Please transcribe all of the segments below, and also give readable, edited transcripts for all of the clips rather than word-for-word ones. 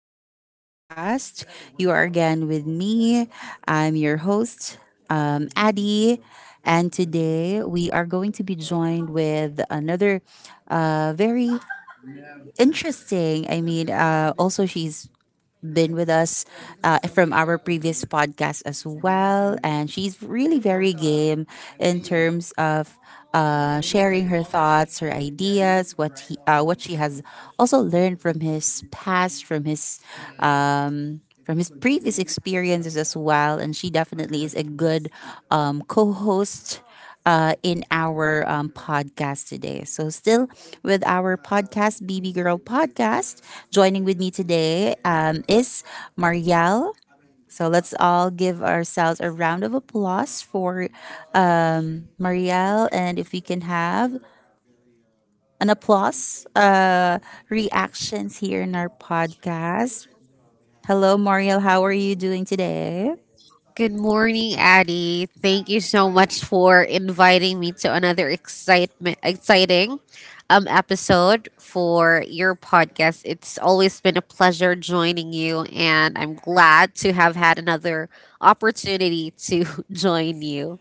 our podcast. You are again with me. I'm your host, Addie, and today we are going to be joined with another very interesting. I mean, also she's been with us from our previous podcast as well. And she's really very game in terms of sharing her thoughts, her ideas, what she has also learned from his past, from his previous experiences as well. And she definitely is a good co-host in our podcast today. So, still with our podcast, BB Girl Podcast, joining with me today is Marielle. So, let's all give ourselves a round of applause for Marielle. And if we can have an applause reactions here in our podcast. Hello, Marielle. How are you doing today? Good morning, Addie. Thank you so much for inviting me to another excitement exciting episode for your podcast. It's always been a pleasure joining you and I'm glad to have had another opportunity to join you.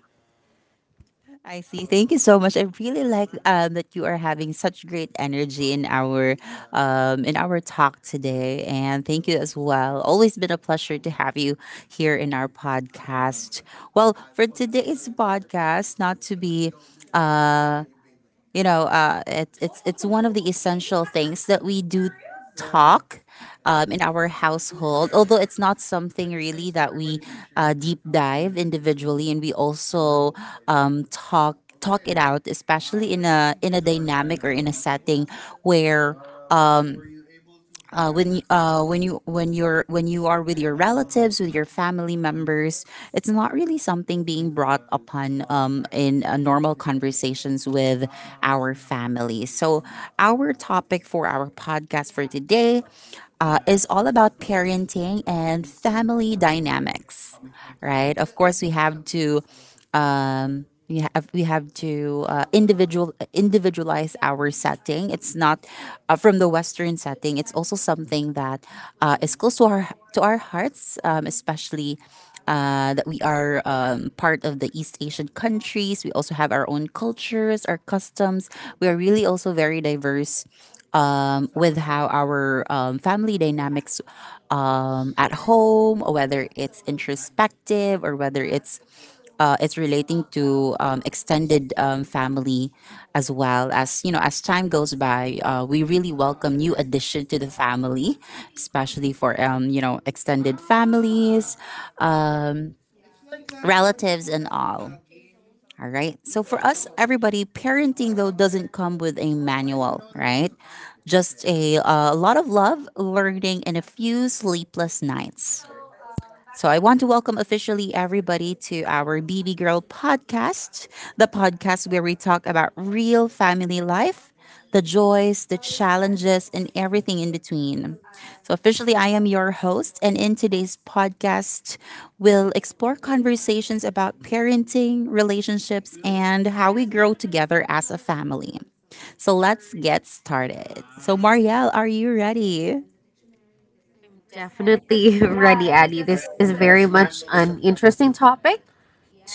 I see. Thank you so much. I really like that you are having such great energy in our talk today, and thank you as well. Always been a pleasure to have you here in our podcast. Well, for today's podcast, not to be it's one of the essential things that we do talk in our household. Although it's not something really that we deep dive individually, and we also talk it out, especially in a dynamic or in a setting where when you're when you are with your relatives, with your family members, it's not really something being brought upon in normal conversations with our family. So, our topic for our podcast for today is all about parenting and family dynamics, right? Of course, we have to. We have to individualize our setting. It's not from the Western setting. It's also something that is close to our hearts, especially that we are part of the East Asian countries. We also have our own cultures, our customs. We are really also very diverse with how our family dynamics at home, whether it's introspective or whether it's relating to extended family as well. As you know, as time goes by, we really welcome new addition to the family, especially for, you know, extended families, relatives, and all. All right, so for us, everybody, parenting though doesn't come with a manual, right? Just a lot of love, learning, and a few sleepless nights. So I want to welcome officially everybody to our BB Girl podcast, the podcast where we talk about real family life, the joys, the challenges, and everything in between. So officially I am your host, and in today's podcast, we'll explore conversations about parenting, relationships, and how we grow together as a family. So let's get started. So Marielle, are you ready? Definitely ready, Addie. This is very much an interesting topic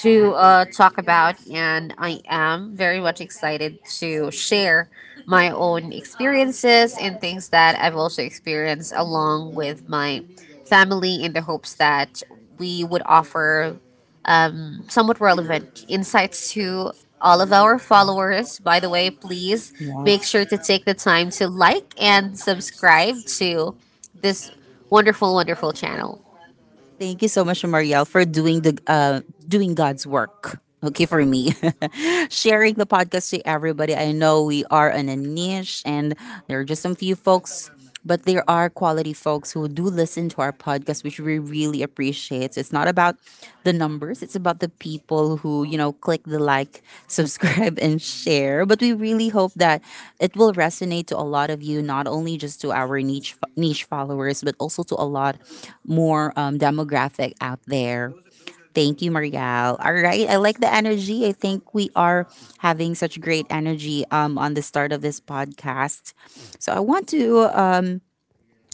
to talk about, and I am very much excited to share my own experiences and things that I've also experienced along with my family in the hopes that we would offer somewhat relevant insights to all of our followers. By the way, please make Yes. sure to take the time to like and subscribe to this wonderful, wonderful channel. Thank you so much, Marielle, for doing the doing God's work. Okay, for me, sharing the podcast to everybody. I know we are in a niche, and there are just some few folks, but there are quality folks who do listen to our podcast, which we really appreciate. It's not about the numbers. It's about the people who, you know, click the like, subscribe, and share. But we really hope that it will resonate to a lot of you, not only just to our niche followers, but also to a lot more demographic out there. Thank you, Marielle. All right, I like the energy. I think we are having such great energy on the start of this podcast. So uh,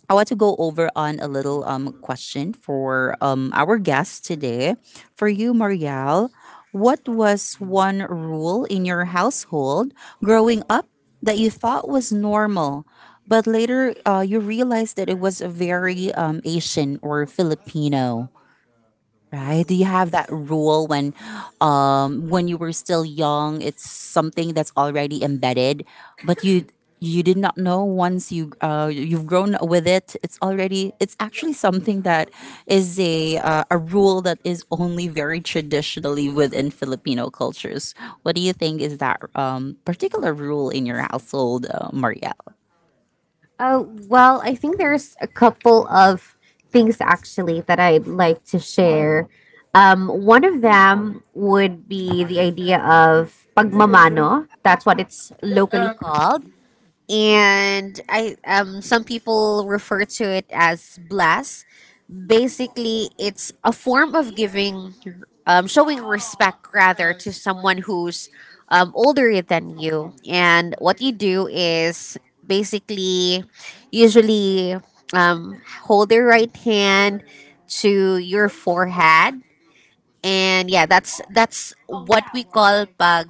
I want to go over on a little question for our guest today. For you, Marielle, what was one rule in your household growing up that you thought was normal, but later you realized that it was a very Asian or Filipino? Right? Do you have that rule when you were still young, it's something that's already embedded, but you did not know once you you've grown with it, it's already, it's actually something that is a rule that is only very traditionally within Filipino cultures. What do you think is that particular rule in your household, Marielle? Oh, well, I think there's a couple of things actually that I'd like to share. One of them would be the idea of pagmamano. That's what it's locally called. And I some people refer to it as blast, basically. It's a form of giving, showing respect rather, to someone who's older than you. And what you do is basically, usually, hold your right hand to your forehead. And yeah, that's what we call pag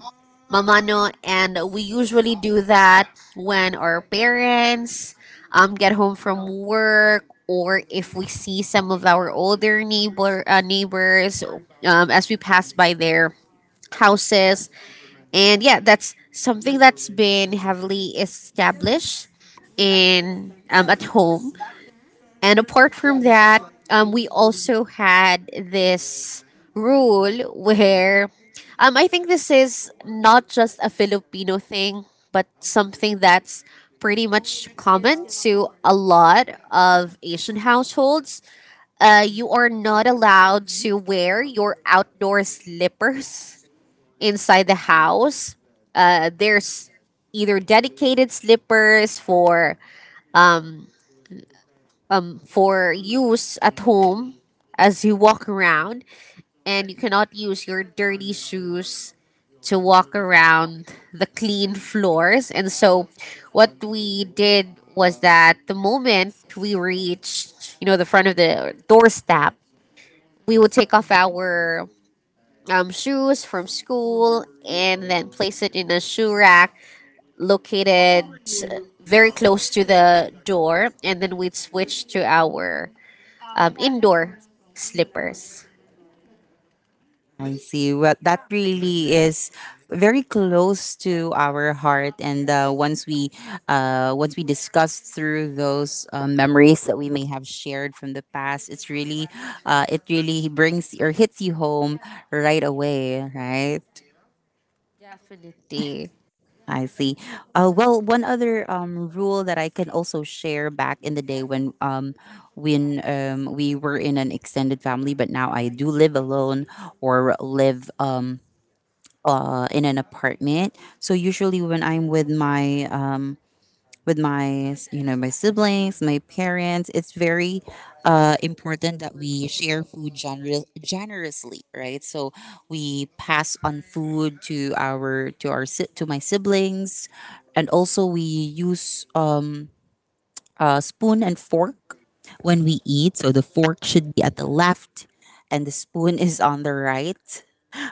mamano and we usually do that when our parents get home from work, or if we see some of our older neighbors as we pass by their houses. And yeah, that's something that's been heavily established in, at home. And apart from that, we also had this rule where, I think this is not just a Filipino thing, but something that's pretty much common to a lot of Asian households. You are not allowed to wear your outdoor slippers inside the house. There's either dedicated slippers for use at home as you walk around, and you cannot use your dirty shoes to walk around the clean floors. And so, what we did was that the moment we reached, you know, the front of the doorstep, we would take off our shoes from school and then place it in a shoe rack located very close to the door, and then we'd switch to our indoor slippers. I see. Well, that really is very close to our heart, and once we discuss through those memories that we may have shared from the past, it really brings or hits you home right away, right? Definitely. I see. Well, one other rule that I can also share back in the day when we were in an extended family, but now I do live alone or live in an apartment. So usually when I'm with my you know my siblings, my parents, it's very important that we share food generously, right? So we pass on food to to my siblings, and also we use spoon and fork when we eat. So the fork should be at the left, and the spoon is on the right.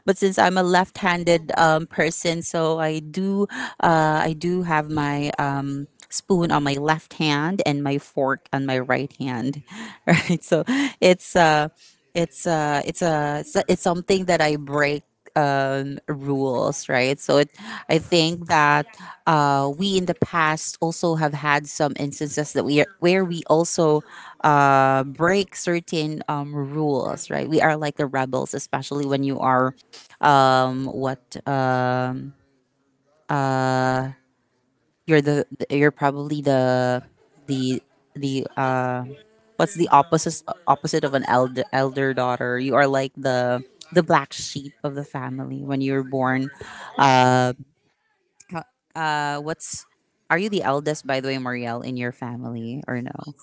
But since I'm a left-handed person, so I do have my spoon on my left hand and my fork on my right hand, right? So it's uh, it's it's something that I break rules, right? So it, I think that we in the past also have had some instances where we also break certain rules, right? We are like the rebels, especially when you are what um you're probably the the what's the opposite of an elder daughter. You are like the black sheep of the family when you're born uh what's Are you the eldest, by the way, Marielle, in your family or no?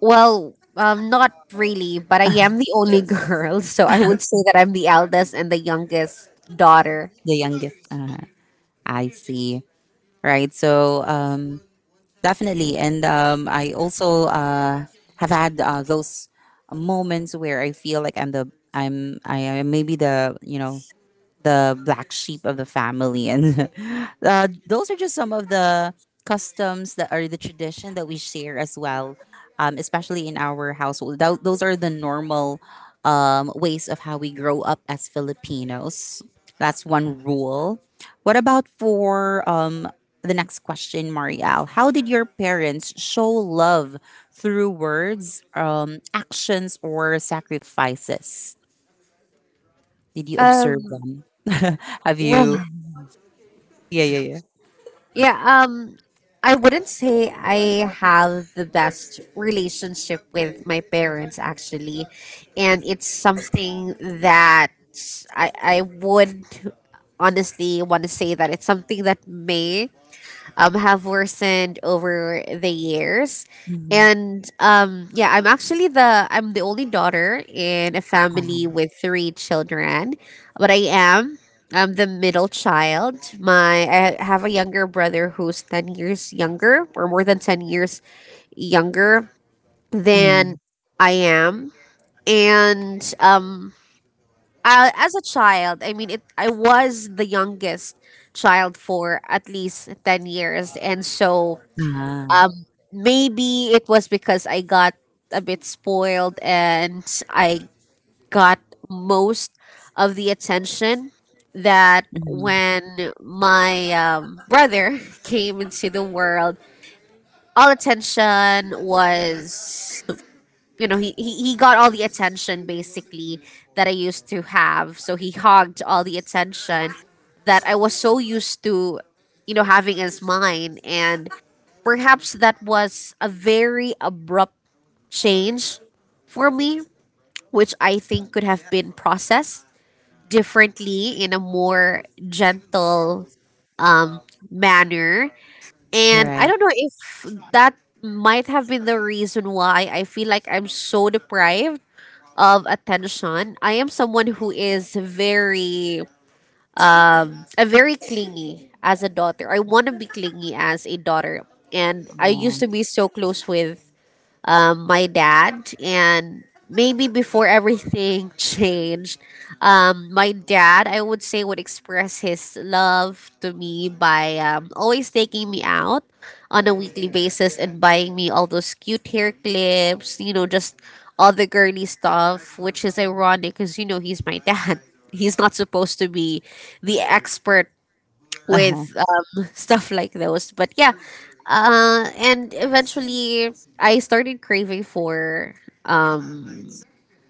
Well, not really, but I am the only girl, so I would say that I'm the eldest and the youngest daughter. The youngest, I see. Right, so um, definitely. And I also have had those moments where I feel like I am maybe, the you know, the black sheep of the family. And those are just some of the customs that are the tradition that we share as well, especially in our household. Those are the normal ways of how we grow up as Filipinos. That's one rule. What about for the next question, Marielle? How did your parents show love through words, actions, or sacrifices? Did you observe Um, them? Have well, you? Yeah, yeah, yeah. yeah, um, I wouldn't say I have the best relationship with my parents, actually. And it's something that I would honestly want to say that it's something that may, have worsened over the years. Mhm, And Yeah, I'm actually the I'm the only daughter in a family mhm, with three children, but I'm the middle child. My I have a younger brother who's 10 years younger, or more than 10 years younger than mhm. I am. And I, as a child, I mean, I was the youngest child for at least 10 years. And so Ah, maybe it was because I got a bit spoiled and I got most of the attention, that mhm. when my brother came into the world, all attention was, you know, he got all the attention basically that I used to have. So he hogged all the attention that I was so used to, you know, having as mine. And perhaps that was a very abrupt change for me, which I think could have been processed differently in a more gentle manner. And I Correct. don't know if that might have been the reason why I feel like I'm so deprived of attention. I am someone who is a very clingy as a daughter. I want to be clingy as a daughter. And I Aw. used to be so close with my dad. And maybe before everything changed, my dad, I would say, would express his love to me by, always taking me out on a weekly basis and buying me all those cute hair clips, you know, just all the girly stuff, which is ironic because, you know, he's my dad. He's not supposed to be the expert Uh-huh. with, stuff like those. But yeah, and eventually I started craving for, um,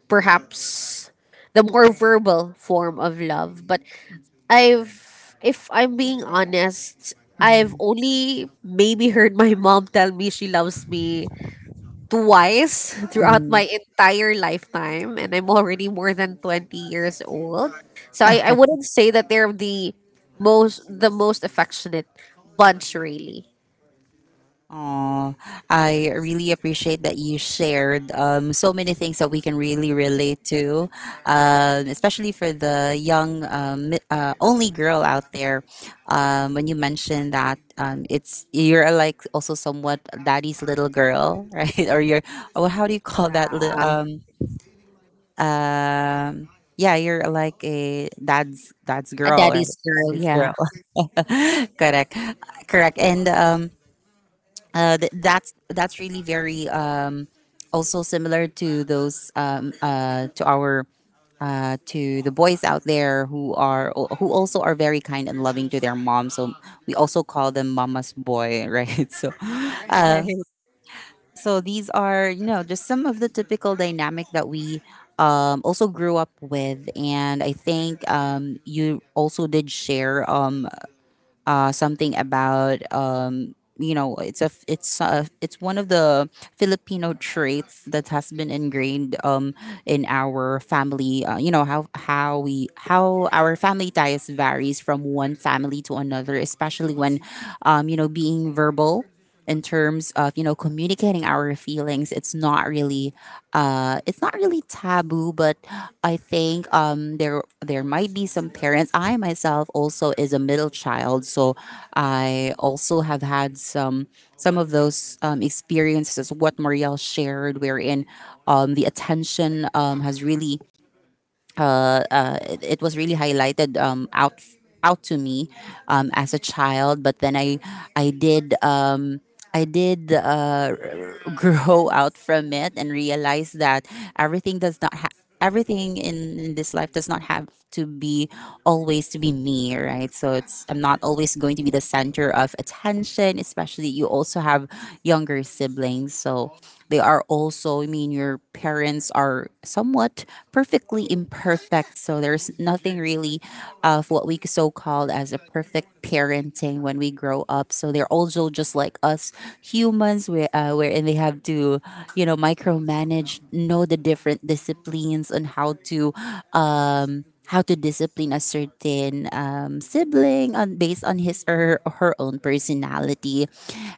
perhaps, the more verbal form of love. But if I'm being honest, I've only maybe heard my mom tell me she loves me twice throughout Mhm. my entire lifetime, and I'm already more than 20 years old. So I wouldn't say that they're the most affectionate bunch, really. Aw, I really appreciate that you shared so many things that we can really relate to, especially for the young only girl out there. When you mentioned that it's you're like also somewhat daddy's little girl, right? Or you're, oh, how do you call that? Yeah, Um, yeah, you're like a dad's a girl or daddy's girl. daddy's Yeah. girl. Correct, correct. And that's really very also similar to those to our to the boys out there who are who also are very kind and loving to their mom. So we also call them mama's boy, right? So uh, Right, so these are, you know, just some of the typical dynamic that we also grew up with, and I think you also did share something about um, you know, it's a it's a, it's one of the Filipino traits that has been ingrained in our family. You know how we how our family ties varies from one family to another, especially when, um, you know, being verbal in terms of, you know, communicating our feelings, it's not really taboo. But I think there there might be some parents. I myself also is a middle child, so I also have had some of those experiences what Marielle shared, wherein the attention has really it was really highlighted out to me as a child. But then I did. Um, I did. grow out from it and realize that everything in this life does not have to be always to be me, right? So it's I'm not always going to be the center of attention, especially you also have younger siblings. So they are also, I mean, your parents are somewhat perfectly imperfect. So there's nothing really of what we so called as a perfect parenting when we grow up. So they're also just like us humans, wherein they have to, you know, micromanage, know the different disciplines on how to. How to discipline a certain sibling on based on his or her own personality,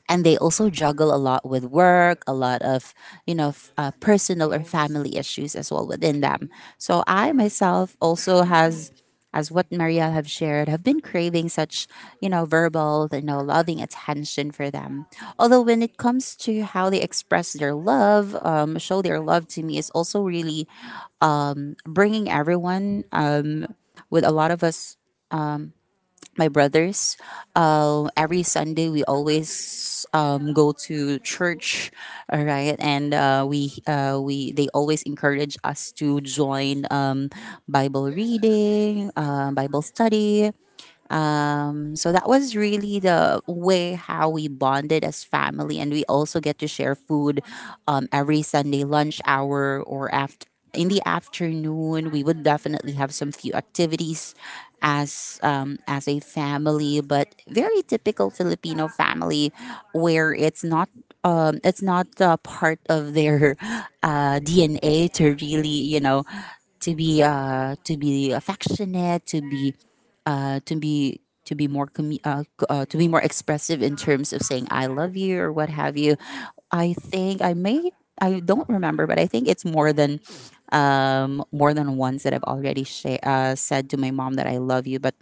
and they also juggle a lot with work, a lot of personal or family issues as well within them. So I myself also has, as what Marielle have shared, have been craving such, verbal, loving attention for them. Although when it comes to how they express their love, show their love to me is also really bringing everyone with a lot of us, my brothers. Every Sunday, we always go to church, all right, and we they always encourage us to join Bible reading, Bible study, so that was really the way how we bonded as family, and we also get to share food every Sunday lunch hour or after. In the afternoon, we would definitely have some few activities as a family, but very typical Filipino family where it's not part of their DNA to really to be affectionate, to be to be to be more to be more expressive in terms of saying I love you or what have you. I think I don't remember, but I think it's more than once that I've already said to my mom that I love you. But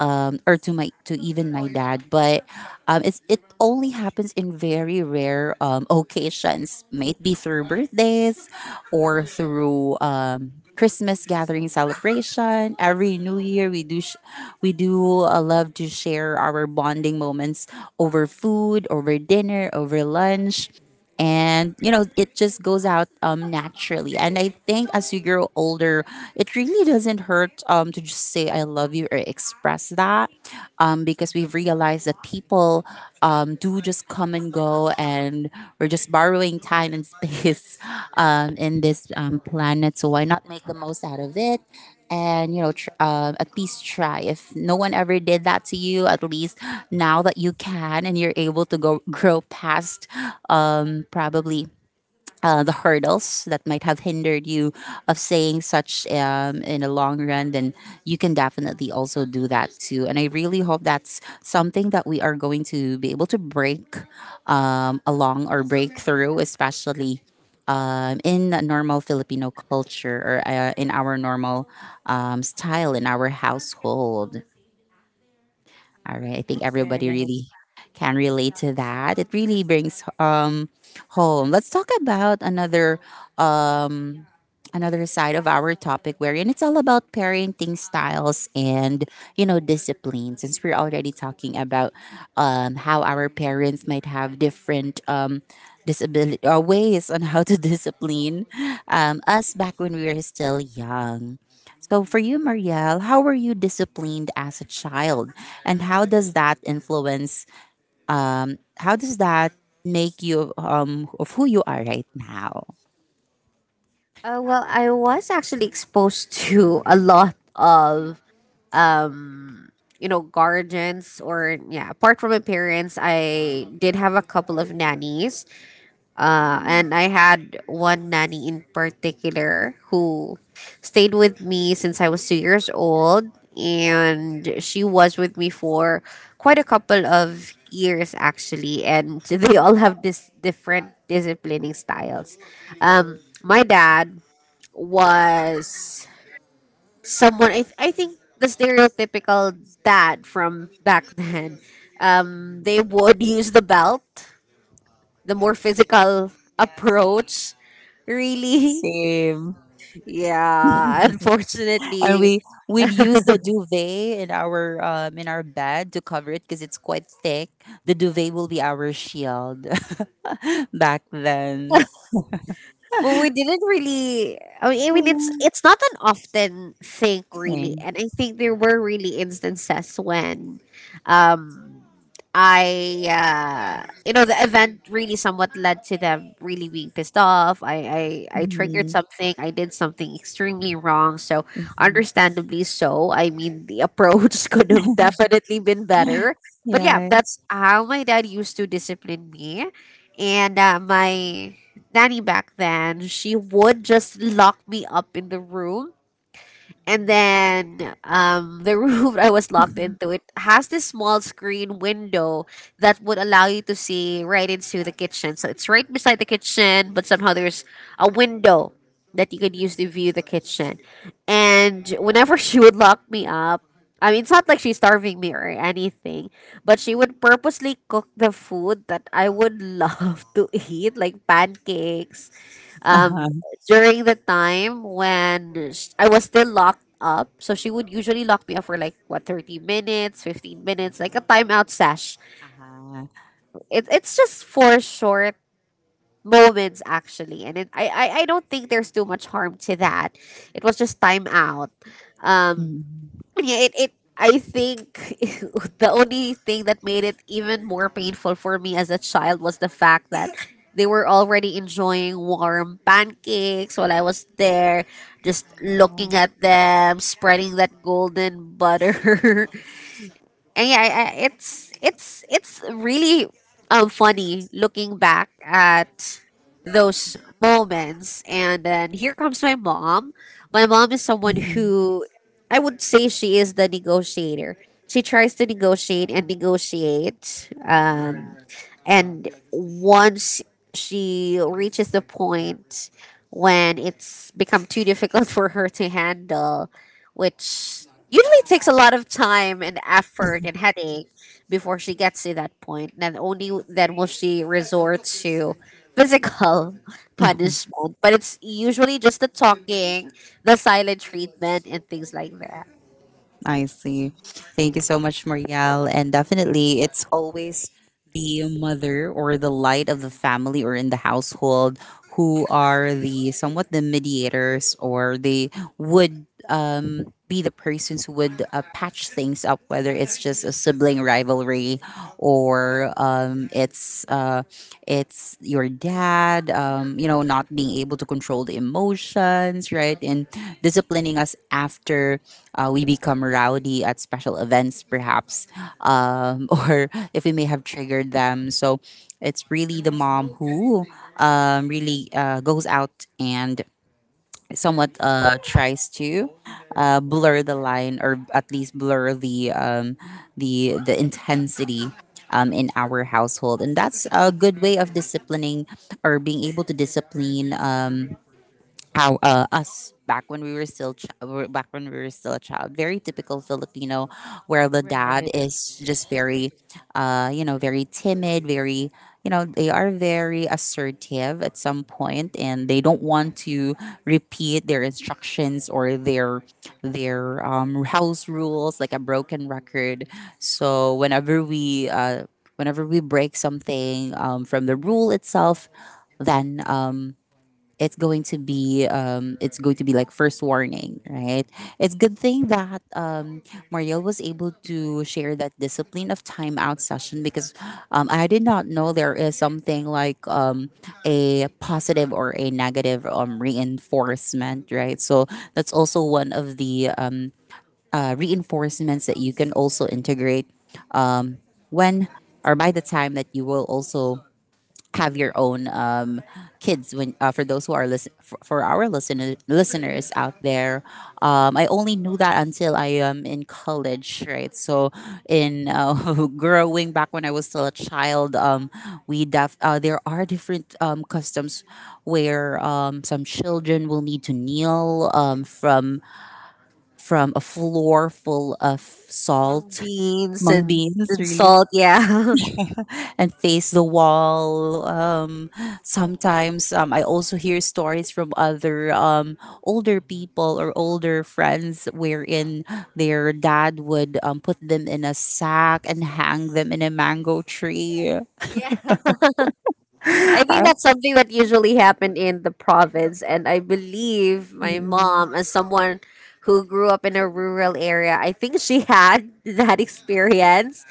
or to my to even my dad. But it only happens in very rare occasions. Might be through birthdays or through Christmas gathering celebration. Every New Year we do love to share our bonding moments over food, over dinner, over lunch. And you know it just goes out naturally. And I think as you grow older, it really doesn't hurt to just say I love you or express that, because we've realized that people do just come and go, and we're just borrowing time and space in this planet. So why not make the most out of it, and at least try. If no one ever did that to you, at least now that you can and you're able to go grow past probably the hurdles that might have hindered you of saying such, in the long run, then you can definitely also do that too. And I really hope that's something that we are going to be able to break, along or break through, especially in a normal Filipino culture or in our normal style in our household. All right. I think everybody right. really can relate to that. It really brings home. Let's talk about another um another side of our topic, wherein it's all about parenting styles and discipline, since we're already talking about how our parents might have different disability ways on how to discipline us back when we were still young. So for you, Marielle, how were you disciplined as a child, and how does that um, how does that make you of who you are right now? Well, I was actually exposed to a lot of, um you know, guardians, or yeah, apart from my parents, I did have a couple of nannies. And I had one nanny in particular who stayed with me since I was 2 years old. And she was with me for quite a couple of years, actually. And they all have this different disciplining styles. My dad was someone, I think the stereotypical dad from back then. They would use the belt, the more physical approach, really. Same. Yeah, And unfortunately. we'd use the duvet in our bed to cover it because it's quite thick. The duvet will be our shield back then. Well, we didn't really, I mean, it's Okay. not an often thing really, and I think there were really instances when, um, I, you know, the event really somewhat led to them really being pissed off. I triggered Mhm. something. I did something extremely wrong. So, understandably so. I mean, the approach could have definitely been better. But yeah, Yeah. that's how my dad used to discipline me. And my nanny back then, she would just lock me up in the room. And then, the room I was locked into, it has this small screen window that would allow you to see right into the kitchen. So it's right beside the kitchen, but somehow there's a window that you could use to view the kitchen. And whenever she would lock me up, I mean, it's not like she's starving me or anything, but she would purposely cook the food that I would love to eat, like pancakes, um Uh-huh. during the time when I was still locked up. So she would usually lock me up for like what, 30 minutes, 15 minutes, like a timeout sash. Uh-huh. It's just for short moments actually, and it, I don't think there's too much harm to that. It was just time out. um Mhm. yeah, it I think the only thing that made it even more painful for me as a child was the fact that they were already enjoying warm pancakes while I was there, just looking at them, spreading that golden butter. And yeah, it's it's really funny looking back at those moments. And then here comes my mom. My mom is someone who, I would say, she is the negotiator. She tries to negotiate and negotiate. And once she reaches the point when it's become too difficult for her to handle, which usually takes a lot of time and effort Oh. and headache before she gets to that point, then only then will she resort to physical punishment. But it's usually just the talking, the silent treatment, and things like that. I see. Thank you so much, Marielle. And definitely, it's always the mother or the light of the family or in the household, who are the somewhat the mediators, or they would be the persons who would patch things up, whether it's just a sibling rivalry or it's your dad, you know, not being able to control the emotions, right? And disciplining us after we become rowdy at special events, perhaps, or if we may have triggered them. So it's really the mom who really goes out and somewhat tries to blur the line or at least blur the the intensity in our household. And that's a good way of disciplining or being able to discipline, how us back when we were still ch- we back when we were still a child. Very typical Filipino where the dad Right. is just very very timid, very, they are very assertive at some point, and they don't want to repeat their instructions or their house rules like a broken record. So whenever we break something from the rule itself, then it's going to be like first warning, right? It's good thing that Mariel was able to share that discipline of timeout session, because I did not know there is something like a positive or a negative reinforcement, right? So that's also one of the reinforcements that you can also integrate when, or by the time that you will also have your own kids. When for those who are for our listeners out there, I only knew that until I am in college, right? So in growing back when I was still a child, there are different customs where some children will need to kneel, from a floor full of Mung salt, beans, mung beans and really, salt, yeah. and face the wall. Sometimes I also hear stories from other older people or older friends, wherein their dad would put them in a sack and hang them in a mango tree. I think Uh, that's something that usually happened in the province. And I believe my mm, mom, as someone who grew up in a rural area, I think she had that experience.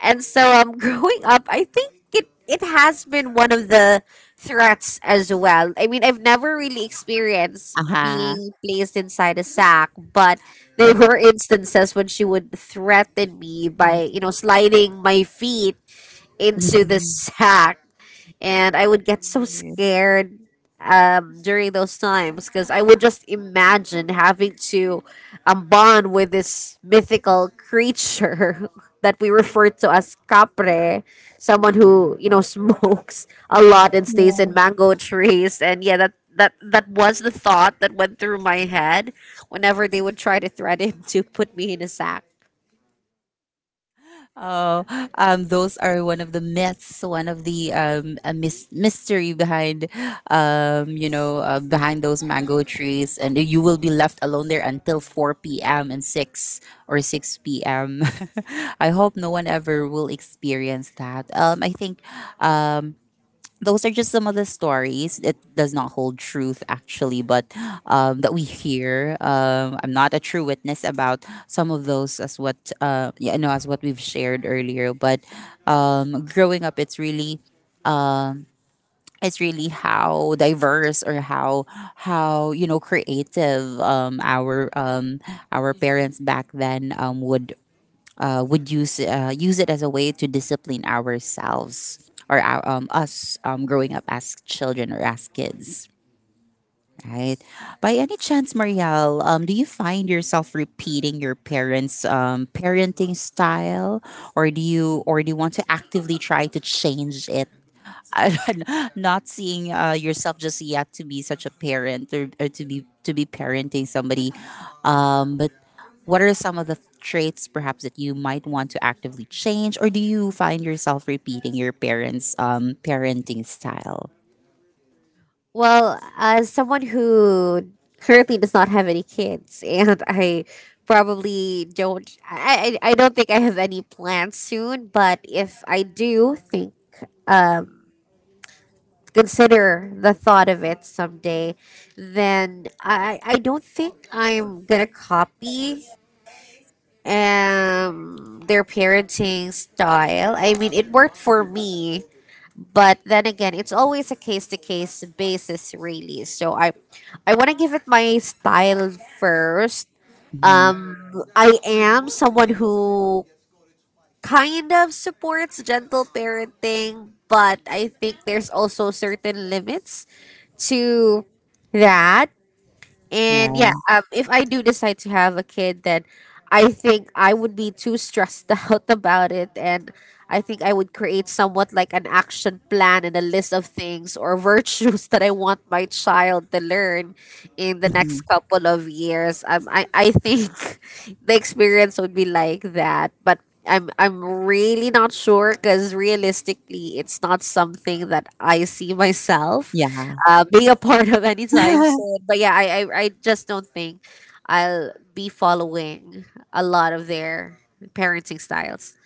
And so, growing up, I think it has been one of the threats as well. I mean, I've never really experienced aha. being placed inside a sack, but there But- were instances when she would threaten me by, you know, sliding my feet into the sack, and I would get so scared, during those times, because I would just imagine having to, bond with this mythical creature that we refer to as capre, someone who, you know, smokes a lot and stays in mango trees, and yeah, that. That was the thought that went through my head whenever they would try to threaten to put me in a sack. Oh, those are one of the myths, one of the mystery behind, behind those mango trees, and you will be left alone there until four p.m. and six p.m. I hope no one ever will experience that. I think those are just some of the stories. It does not hold truth actually, but that we hear. I'm not a true witness about some of those, as what yeah, no, as what we've shared earlier. But growing up, it's really, how diverse or how creative, our parents back then would use, use it as a way to discipline ourselves, or our, us growing up as children or as kids, right? By any chance, Marielle, do you find yourself repeating your parents' parenting style, or do you want to actively try to change it? Not seeing yourself just yet to be such a parent, or to be parenting somebody, but what are some of the traits perhaps that you might want to actively change, or do you find yourself repeating your parents' parenting style? Well, as someone who currently does not have any kids, and I probably don't, I don't think I have any plans soon. But if I do think, consider the thought of it someday, then I don't think I'm gonna copy their parenting style. I mean, it worked for me, but then again, it's always a case to case basis, really. So I want to give it my style first. Mhm. um I am someone who kind of supports gentle parenting, but I think there's also certain limits to that. Yeah. And yeah, if I do decide to have a kid, then I think I would be too stressed out about it. And I think I would create somewhat like an action plan and a list of things or virtues that I want my child to learn in the next Mhm. couple of years. I think the experience would be like that. But I'm really not sure because realistically, it's not something that I see myself Yeah. Being a part of anytime soon. But yeah, I just don't think I'll be following a lot of their parenting styles.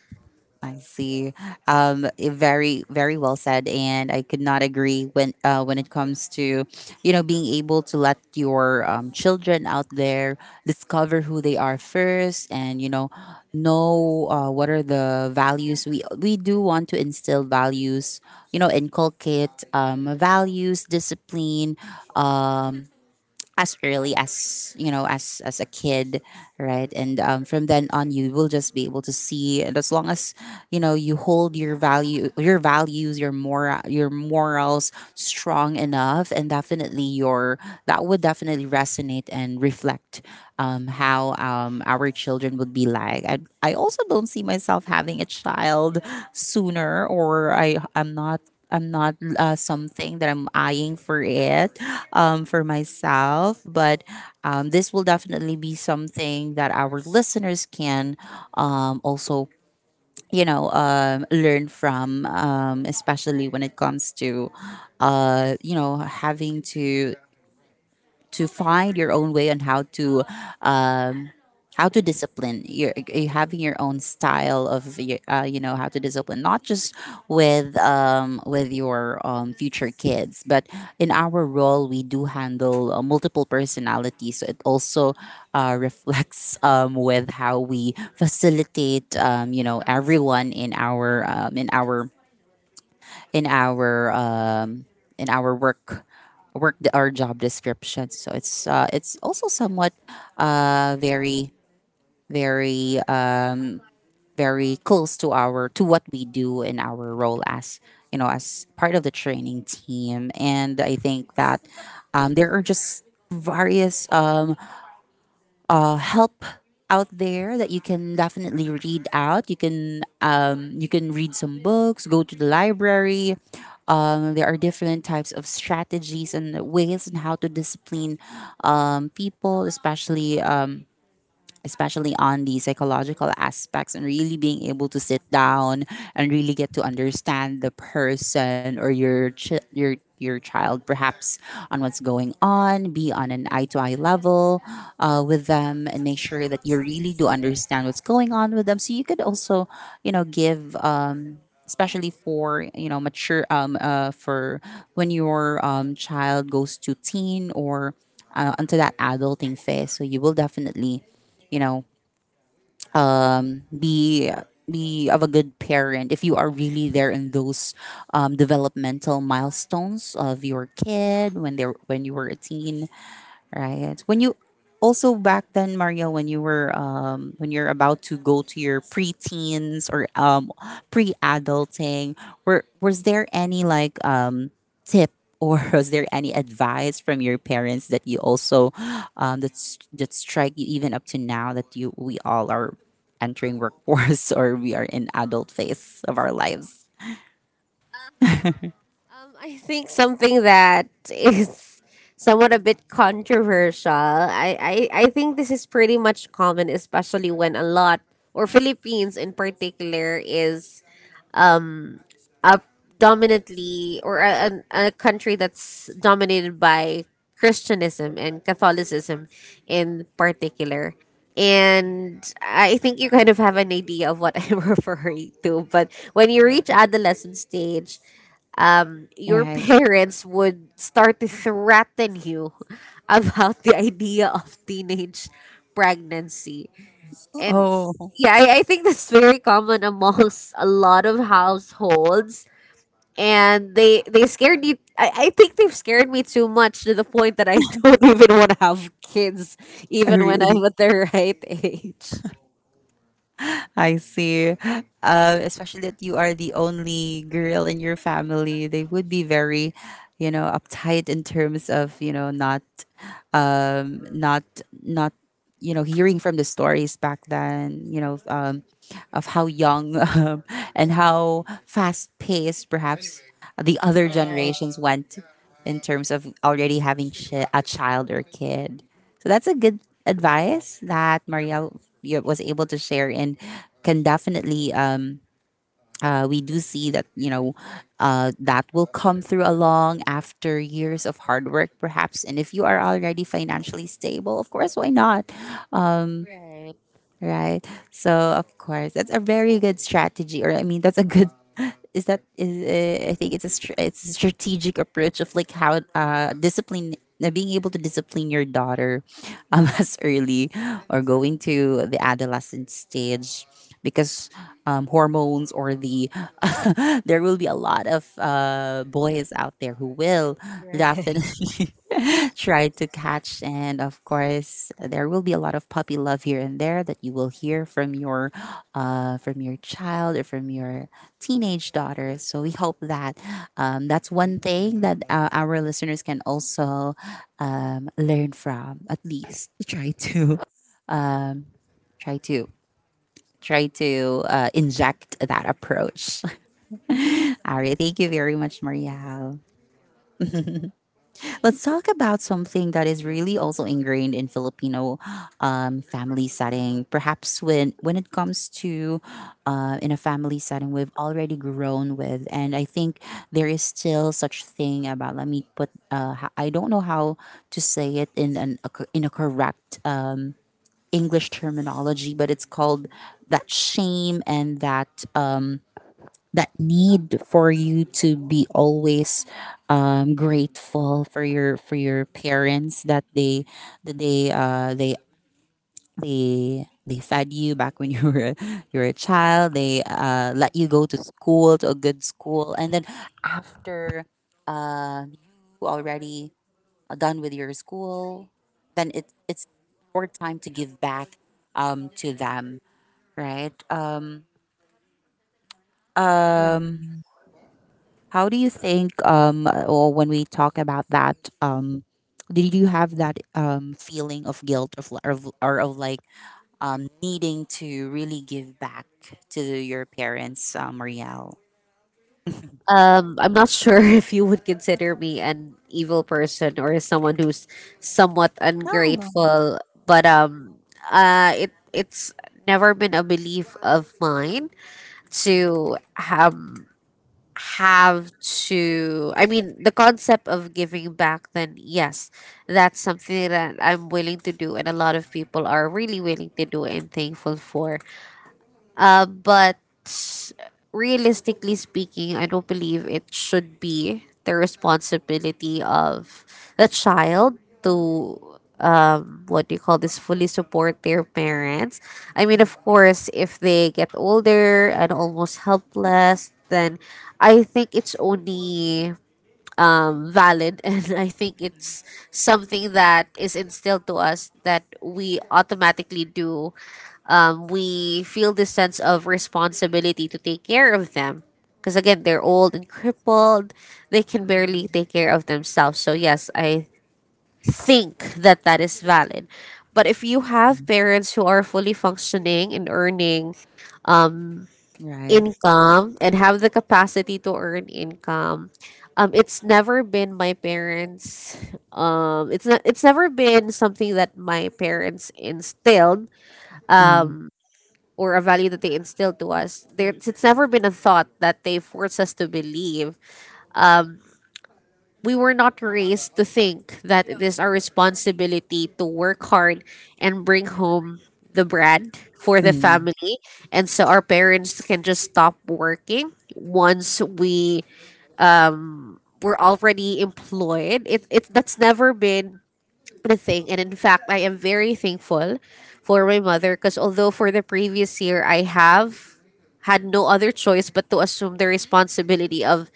I see. Very, very well said, and I could not agree when it comes to, you know, being able to let your children out there discover who they are first. And know, what are the values? We do want to instill values, inculcate values, discipline, um, as early as as a kid, right? And from then on, you will just be able to see. And as long as you hold your value your values, your moral your morals strong enough, and definitely your that would definitely resonate and reflect, how our children would be like. I also don't see myself having a child sooner, or I'm not something that I'm eyeing for it, for myself. But this will definitely be something that our listeners can also, learn from, especially when it comes to, you know, having to find your own way on how to, um, discipline your having your own style of you know, how to discipline, not just with your future kids, but in our role we do handle multiple personalities. So it also reflects, with how we facilitate, you know, everyone in our in our in our in our work, our job description. So it's also somewhat very, very um, very close to our to what we do in our role as, you know, as part of the training team. And I think that there are just various help out there that you can definitely read out. You can read some books, go to the library. There are different types of strategies and ways and how to discipline people, especially especially on the psychological aspects, and really being able to sit down and really get to understand the person or your your child, perhaps, on what's going on, be on an eye to eye level with them, and make sure that you really do understand what's going on with them, so you could also give, especially for mature for when your child goes to teen or into that adulting phase. So you will definitely, you know um be be of a good parent if you are really there in those developmental milestones of your kid when they're when you were a teen. Right. When you also back then, Mario, when you were when you're about to go to your preteens or pre-adulting, were was there any like tip or was there any advice from your parents that you also that's that strike you even up to now that you we all are entering workforce or we are in adult phase of our lives? I think something that is somewhat a bit controversial. I think this is pretty much common, especially when a lot, or Philippines in particular, is um a dominantly or a country that's dominated by Christianism and Catholicism in particular. And I think you kind of have an idea of what I'm referring to. But when you reach adolescent stage, your Right. parents would start to threaten you about the idea of teenage pregnancy and Oh, yeah, I think that's very common amongst a lot of households. And they scared me. I think they've scared me too much to the point that I don't even want to have kids, even when I'm really? at the right age. I see. Especially that you are the only girl in your family, they would be very, you know, uptight in terms of not, um, not not, hearing from the stories back then. You know, of how young and how fast paced perhaps the other Right, generations went in terms of already having a child or kid. So that's a good advice that Maria was able to share and can definitely. We do see that that will come through along after years of hard work perhaps, and if you are already financially stable, of course, why not? right, Right. So of course, that's a very good strategy, or I mean, that's a good. Is that is I think it's a strategic approach of like how discipline, being able to discipline your daughter as early or going to the adolescent stage because, hormones or the there will be a lot of boys out there who will right. definitely try to catch. And of course, there will be a lot of puppy love here and there that you will hear from your from your child or from your teenage daughter. So we hope that that's one thing that our listeners can also learn from. At least try to try to try to inject that approach. All right, thank you very much, Marielle. Let's talk about something that is really also ingrained in Filipino family setting. Perhaps when it comes to in a family setting, we've already grown with, and I think there is still such thing about. Let me put. I don't know how to say it in a correct English terminology, but it's called that shame and that. That need for you to be always grateful for your parents that that they uh, they they fed you back when you were a child. They let you go to school to a good school, and then after, um, you already are done with your school, then it's your time to give back to them, right? How do you think, or when we talk about that, did you have that feeling of guilt of, li- or of like needing to really give back to your parents, Marielle? I'm not sure if you would consider me an evil person or someone who's somewhat No, no. ungrateful, but it's never been a belief of mine to um have to, I mean the concept of giving back, then yes, that's something that I'm willing to do, and a lot of people are really willing to do and thankful for. But realistically speaking, I don't believe it should be the responsibility of the child to, what do you call this, fully support their parents. I mean, of course, if they get older and almost helpless, then I think it's only valid, and I think it's something that is instilled to us that we automatically do. We feel this sense of responsibility to take care of them because again they're old and crippled, they can barely take care of themselves. So yes, I think that that is valid. But if you Mhm. have parents who are fully functioning and earning Right. income and have the capacity to earn income, it's never been my parents, it's not, it's never been something that my parents instilled Mm, or a value that they instilled to us. There, it's never been a thought that they forced us to believe. We were not raised to think that it is our responsibility to work hard and bring home the bread for the mm, family and so our parents can just stop working once we were already employed. It that's never been a thing, and in fact, I am very thankful for my mother because although for the previous year I have had no other choice but to assume the responsibility of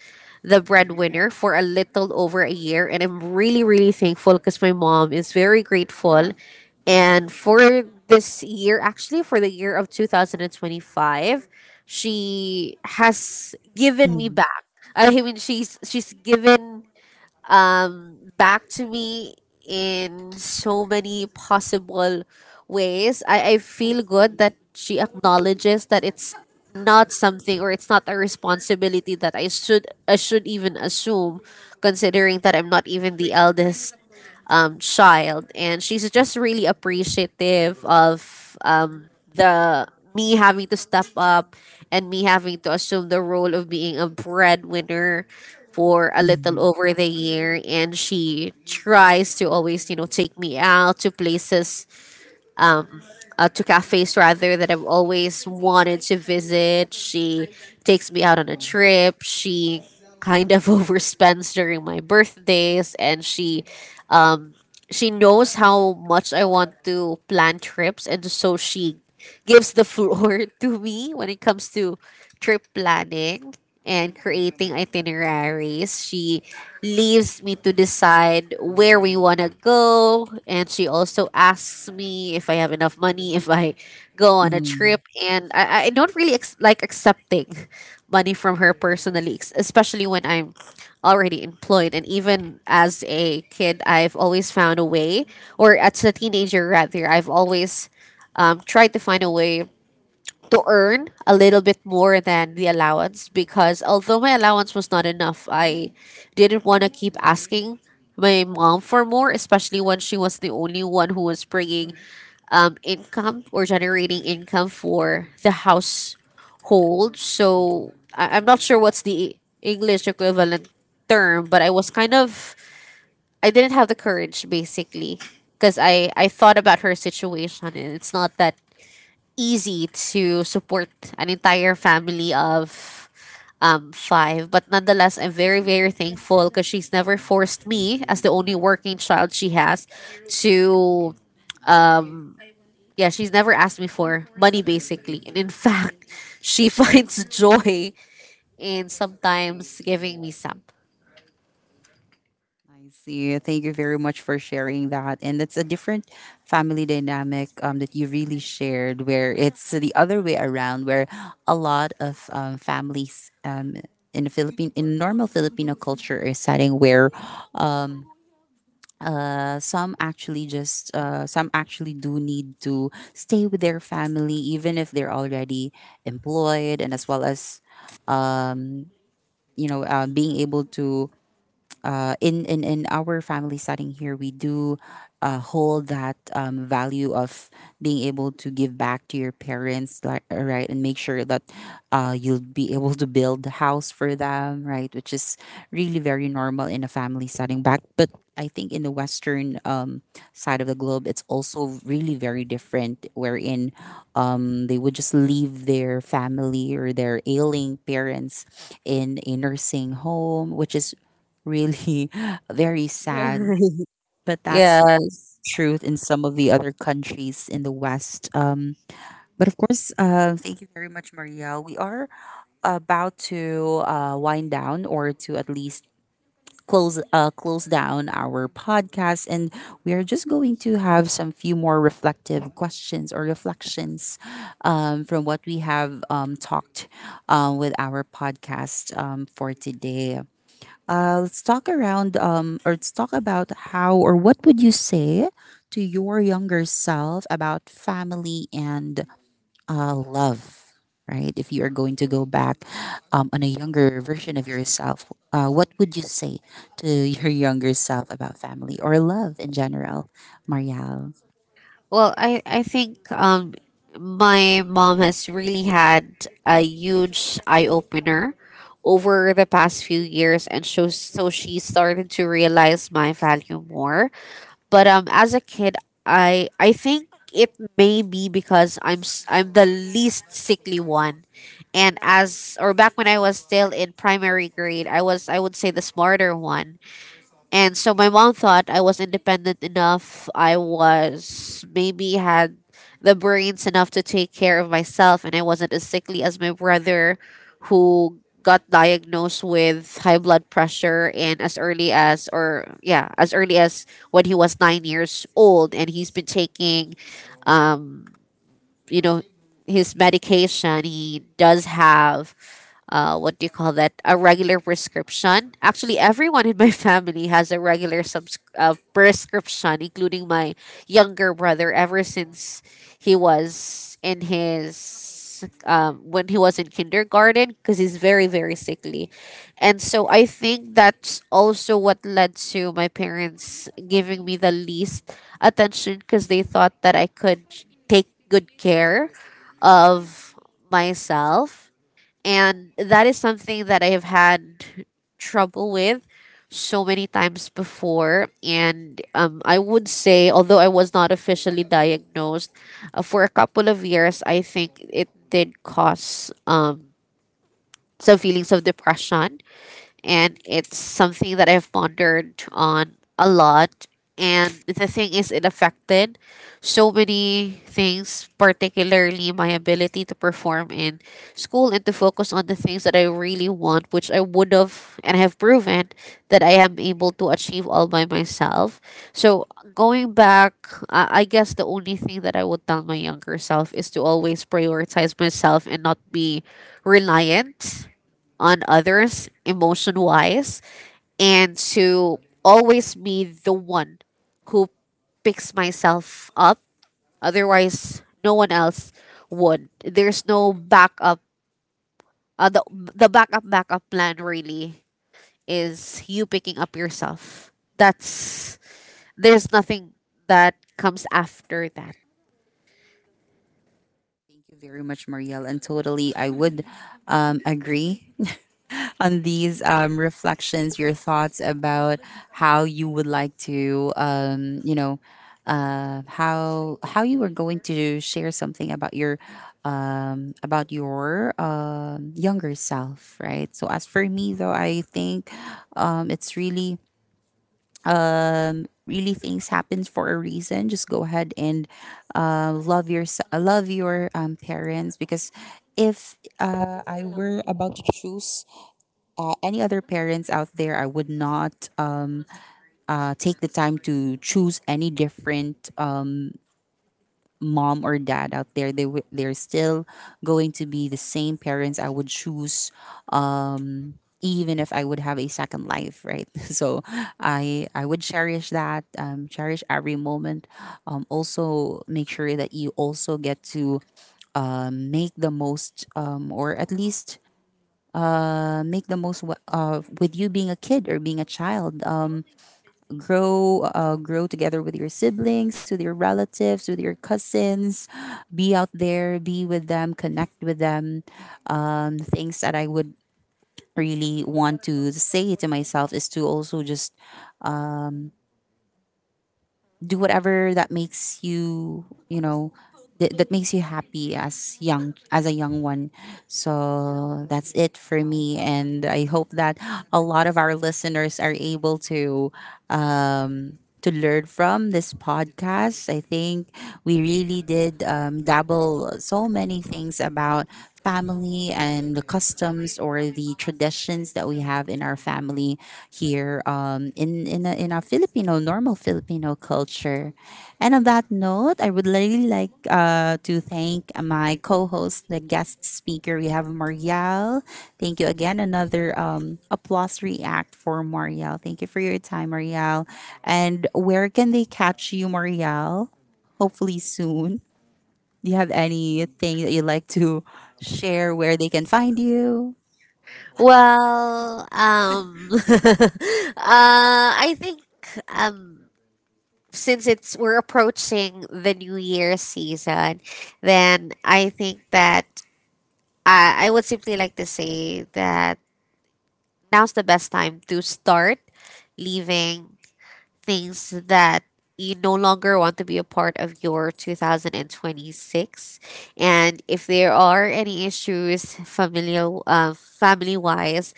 the breadwinner for a little over a year, and I'm really really thankful because my mom is very grateful, and for this year, actually for the year of 2025, she has given me back. I mean, she's given back to me in so many possible ways. I feel good that she acknowledges that it's not something or it's not a responsibility that I should even assume considering that I'm not even the eldest child, and she's just really appreciative of the me having to step up and me having to assume the role of being a breadwinner for a little mm, over the year, and she tries to always, you know, take me out to places to cafes rather that I've always wanted to visit. She takes me out on a trip. She kind of overspends during my birthdays, and um, she knows how much I want to plan trips, and so she gives the floor to me when it comes to trip planning and creating itineraries. She leaves me to decide where we want to go. And she also asks me if I have enough money if I go on a mm, mm. trip. And I don't really like accepting money from her personally, especially when I'm already employed. And even as a kid, I've always found a way, or as a teenager rather, I've always tried to find a way to earn a little bit more than the allowance because although my allowance was not enough, I didn't want to keep asking my mom for more, especially when she was the only one who was bringing income or generating income for the household. So I'm not sure what's the English equivalent term, but I was kind of, I didn't have the courage basically because I thought about her situation and it's not that easy to support an entire family of five. But nonetheless, I'm very, very thankful because she's never forced me, as the only working child she has, to. Um, yeah, she's never asked me for money basically. And in fact, she finds joy in sometimes giving me some. I see. Thank you very much for sharing that. And it's a different family dynamic that you really shared, where it's the other way around, where a lot of families in the Philippine, in normal Filipino culture or setting, where some actually just, some actually do need to stay with their family, even if they're already employed, and as well as, you know, being able to in our family setting here, we do hold that value of being able to give back to your parents, like, right? And make sure that you'll be able to build a house for them, right? Which is really very normal in a family setting back. But I think in the Western side of the globe, it's also really very different, wherein they would just leave their family or their ailing parents in a nursing home, which is really very sad. But Yeah. that's truth in some of the other countries in the West. But of course, thank you very much, Marielle. We are about to wind down, or to at least close close down our podcast, and we are just going to have some few more reflective questions or reflections from what we have talked with our podcast for today. Uh, let's talk around, or let's talk about how or what would you say to your younger self about family and love, right? If you are going to go back on a younger version of yourself, what would you say to your younger self about family or love in general, Marielle? Well, I think my mom has really had a huge eye opener over the past few years, and so, so she started to realize my value more. But as a kid, I think it may be because I'm the least sickly one, and as or back when I was still in primary grade, I was, I would say, the smarter one. And so my mom thought I was independent enough. I was maybe had the brains enough to take care of myself, and I wasn't as sickly as my brother, who got diagnosed with high blood pressure and as early as, or yeah, as early as when he was 9 years old, and he's been taking um you know his medication. He does have what do you call that? A regular prescription. Actually, everyone in my family has a regular prescription, including my younger brother, ever since he was in his, when he was in kindergarten, because he's very, very sickly. And so I think that's also what led to my parents giving me the least attention because they thought that I could take good care of myself, and that is something that I have had trouble with so many times before. And I would say, although I was not officially diagnosed, for a couple of years, I think it did cause some feelings of depression, and it's something that I've pondered on a lot. And the thing is, it affected so many things, particularly my ability to perform in school and to focus on the things that I really want, which I would have and have proven that I am able to achieve all by myself. So, going back, I guess the only thing that I would tell my younger self is to always prioritize myself and not be reliant on others emotion wise, and to always be the one who picks myself up, otherwise no one else would. There's no backup. The backup backup plan really is you picking up yourself. That's, there's nothing that comes after that. Thank you very much, Marielle. And totally, I would, agree on these reflections, your thoughts about how you would like to, you know, how you were going to share something about your, younger self, right? So as for me, though, I think, it's really, really things happens for a reason. Just go ahead and love your parents. Because if, I were about to choose any other parents out there, I would not, take the time to choose any different mom or dad out there. They're still going to be the same parents I would choose, um, even if I would have a second life, right? So I would cherish that, cherish every moment. Also make sure that you also get to, make the most, or at least, make the most of with you being a kid or being a child. Grow, grow together with your siblings, with your relatives, with your cousins. Be out there, be with them, connect with them. Um, things that I would really want to say to myself is to also just do whatever that makes you, you know, that makes you happy as young as a young one. So that's it for me, and I hope that a lot of our listeners are able to learn from this podcast. I think we really did, dabble so many things about family and the customs or the traditions that we have in our family here, in a Filipino normal Filipino culture. And on that note, I would really like to thank my co-host, the guest speaker. We have Marielle. Thank you again. Another applause react for Marielle. Thank you for your time, Marielle. And where can they catch you, Marielle? Hopefully soon. Do you have anything that you'd like to share where they can find you? Well, I think, um since it's, we're approaching the new year season, then I think that I would simply like to say that now's the best time to start leaving things that you no longer want to be a part of your 2026, and if there are any issues familial, family wise,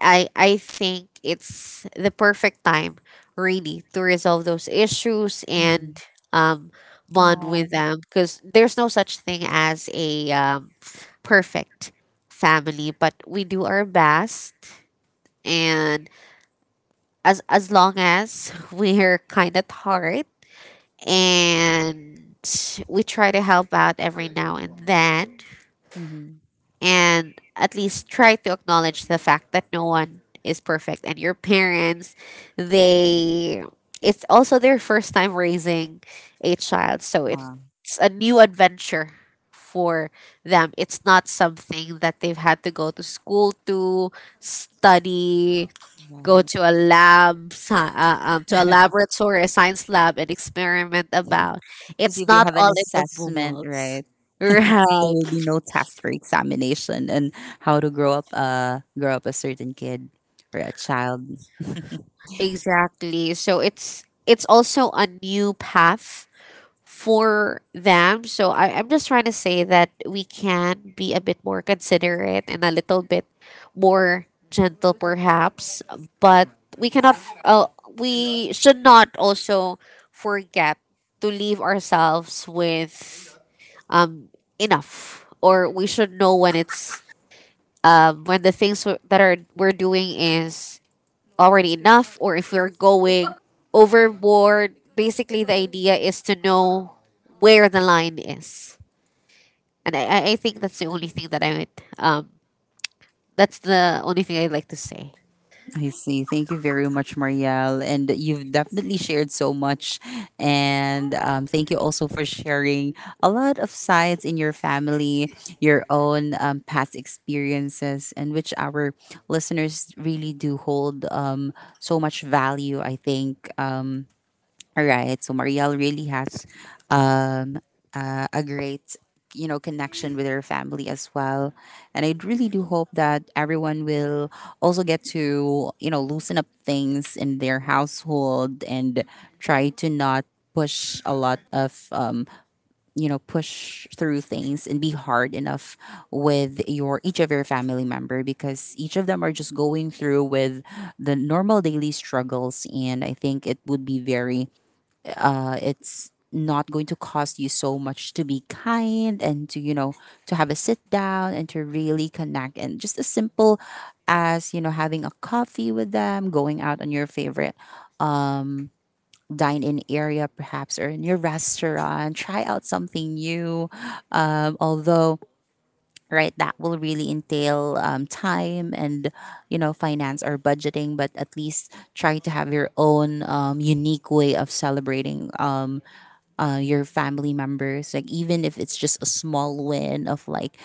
I think it's the perfect time really to resolve those issues and Mm-hmm. um bond with Oh, them because there's no such thing as a perfect family, but we do our best, and as long as we're kind at heart, and we try to help out every now and then, mm-hmm. and at least try to acknowledge the fact that no one is perfect and your parents, they, it's also their first time raising a child, so it's Ah, a new adventure for them. It's not something that they've had to go to school to study, go right. to a lab, to a laboratory, a science lab, and experiment about. To see It's if you not have an all in the assessment, books, right? There right? will be no test for examination and how to grow up a certain kid or a child. Exactly. So it's also a new path for them. So I'm just trying to say that we can be a bit more considerate and a little bit more gentle, perhaps, but we cannot. Uh, we should not also forget to leave ourselves with um, enough, or we should know when it's when the things that are we're doing is already enough, or if we're going overboard. Basically, the idea is to know where the line is, and I think that's the only thing that I would. That's the only thing I'd like to say. I see. Thank you very much, Marielle. And you've definitely shared so much. And, thank you also for sharing a lot of sides in your family, your own past experiences, and which our listeners really do hold so much value, I think. All right. So Marielle really has, um, a great, you know, connection with her family as well. And I really do hope that everyone will also get to, you know, loosen up things in their household and try to not push a lot of, push through things and be hard enough with your each of your family member, because each of them are just going through with the normal daily struggles. And I think it would be very, it's not going to cost you so much to be kind, and to, you know, to have a sit down and to really connect, and just as simple as, you know, having a coffee with them, going out on your favorite dine in area perhaps, or in your restaurant, try out something new. Um, although, right, that will really entail, time and, you know, finance or budgeting, but at least try to have your own, unique way of celebrating, your family members, like even if it's just a small win of like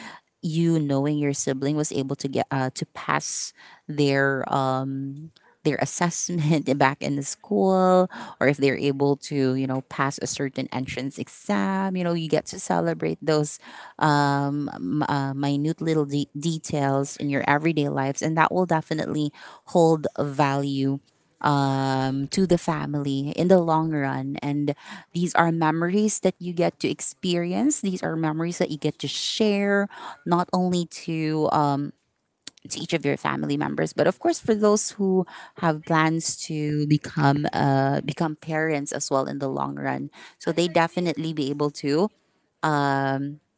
you knowing your sibling was able to get, to pass their, their assessment back in the school, or if they're able to, you know, pass a certain entrance exam. You know, you get to celebrate those, minute little details in your everyday lives, and that will definitely hold value to the family in the long run. And these are memories that you get to experience. These are memories that you get to share, not only to, to each of your family members. But of course, for those who have plans to become, become parents as well in the long run, so they definitely be able to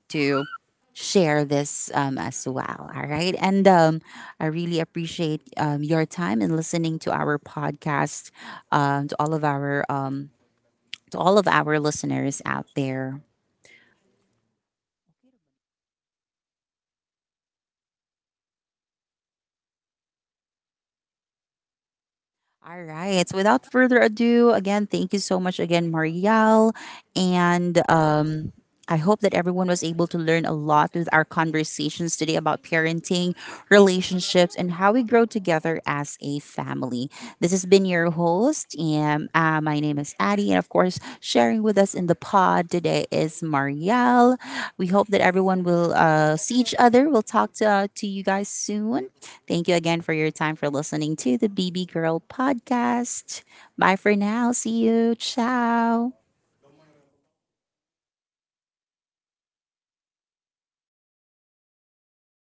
to share this as well. All right, and, I really appreciate, your time and listening to our podcast, um, to all of our um, to all of our listeners out there. All right. So without further ado, again, thank you so much again, Marielle. And, I hope that everyone was able to learn a lot with our conversations today about parenting, relationships, and how we grow together as a family. This has been your host, and, my name is Addie, and of course, sharing with us in the pod today is Marielle. We hope that everyone will, see each other. We'll talk to you guys soon. Thank you again for your time for listening to the BB Girl podcast. Bye for now. See you. Ciao.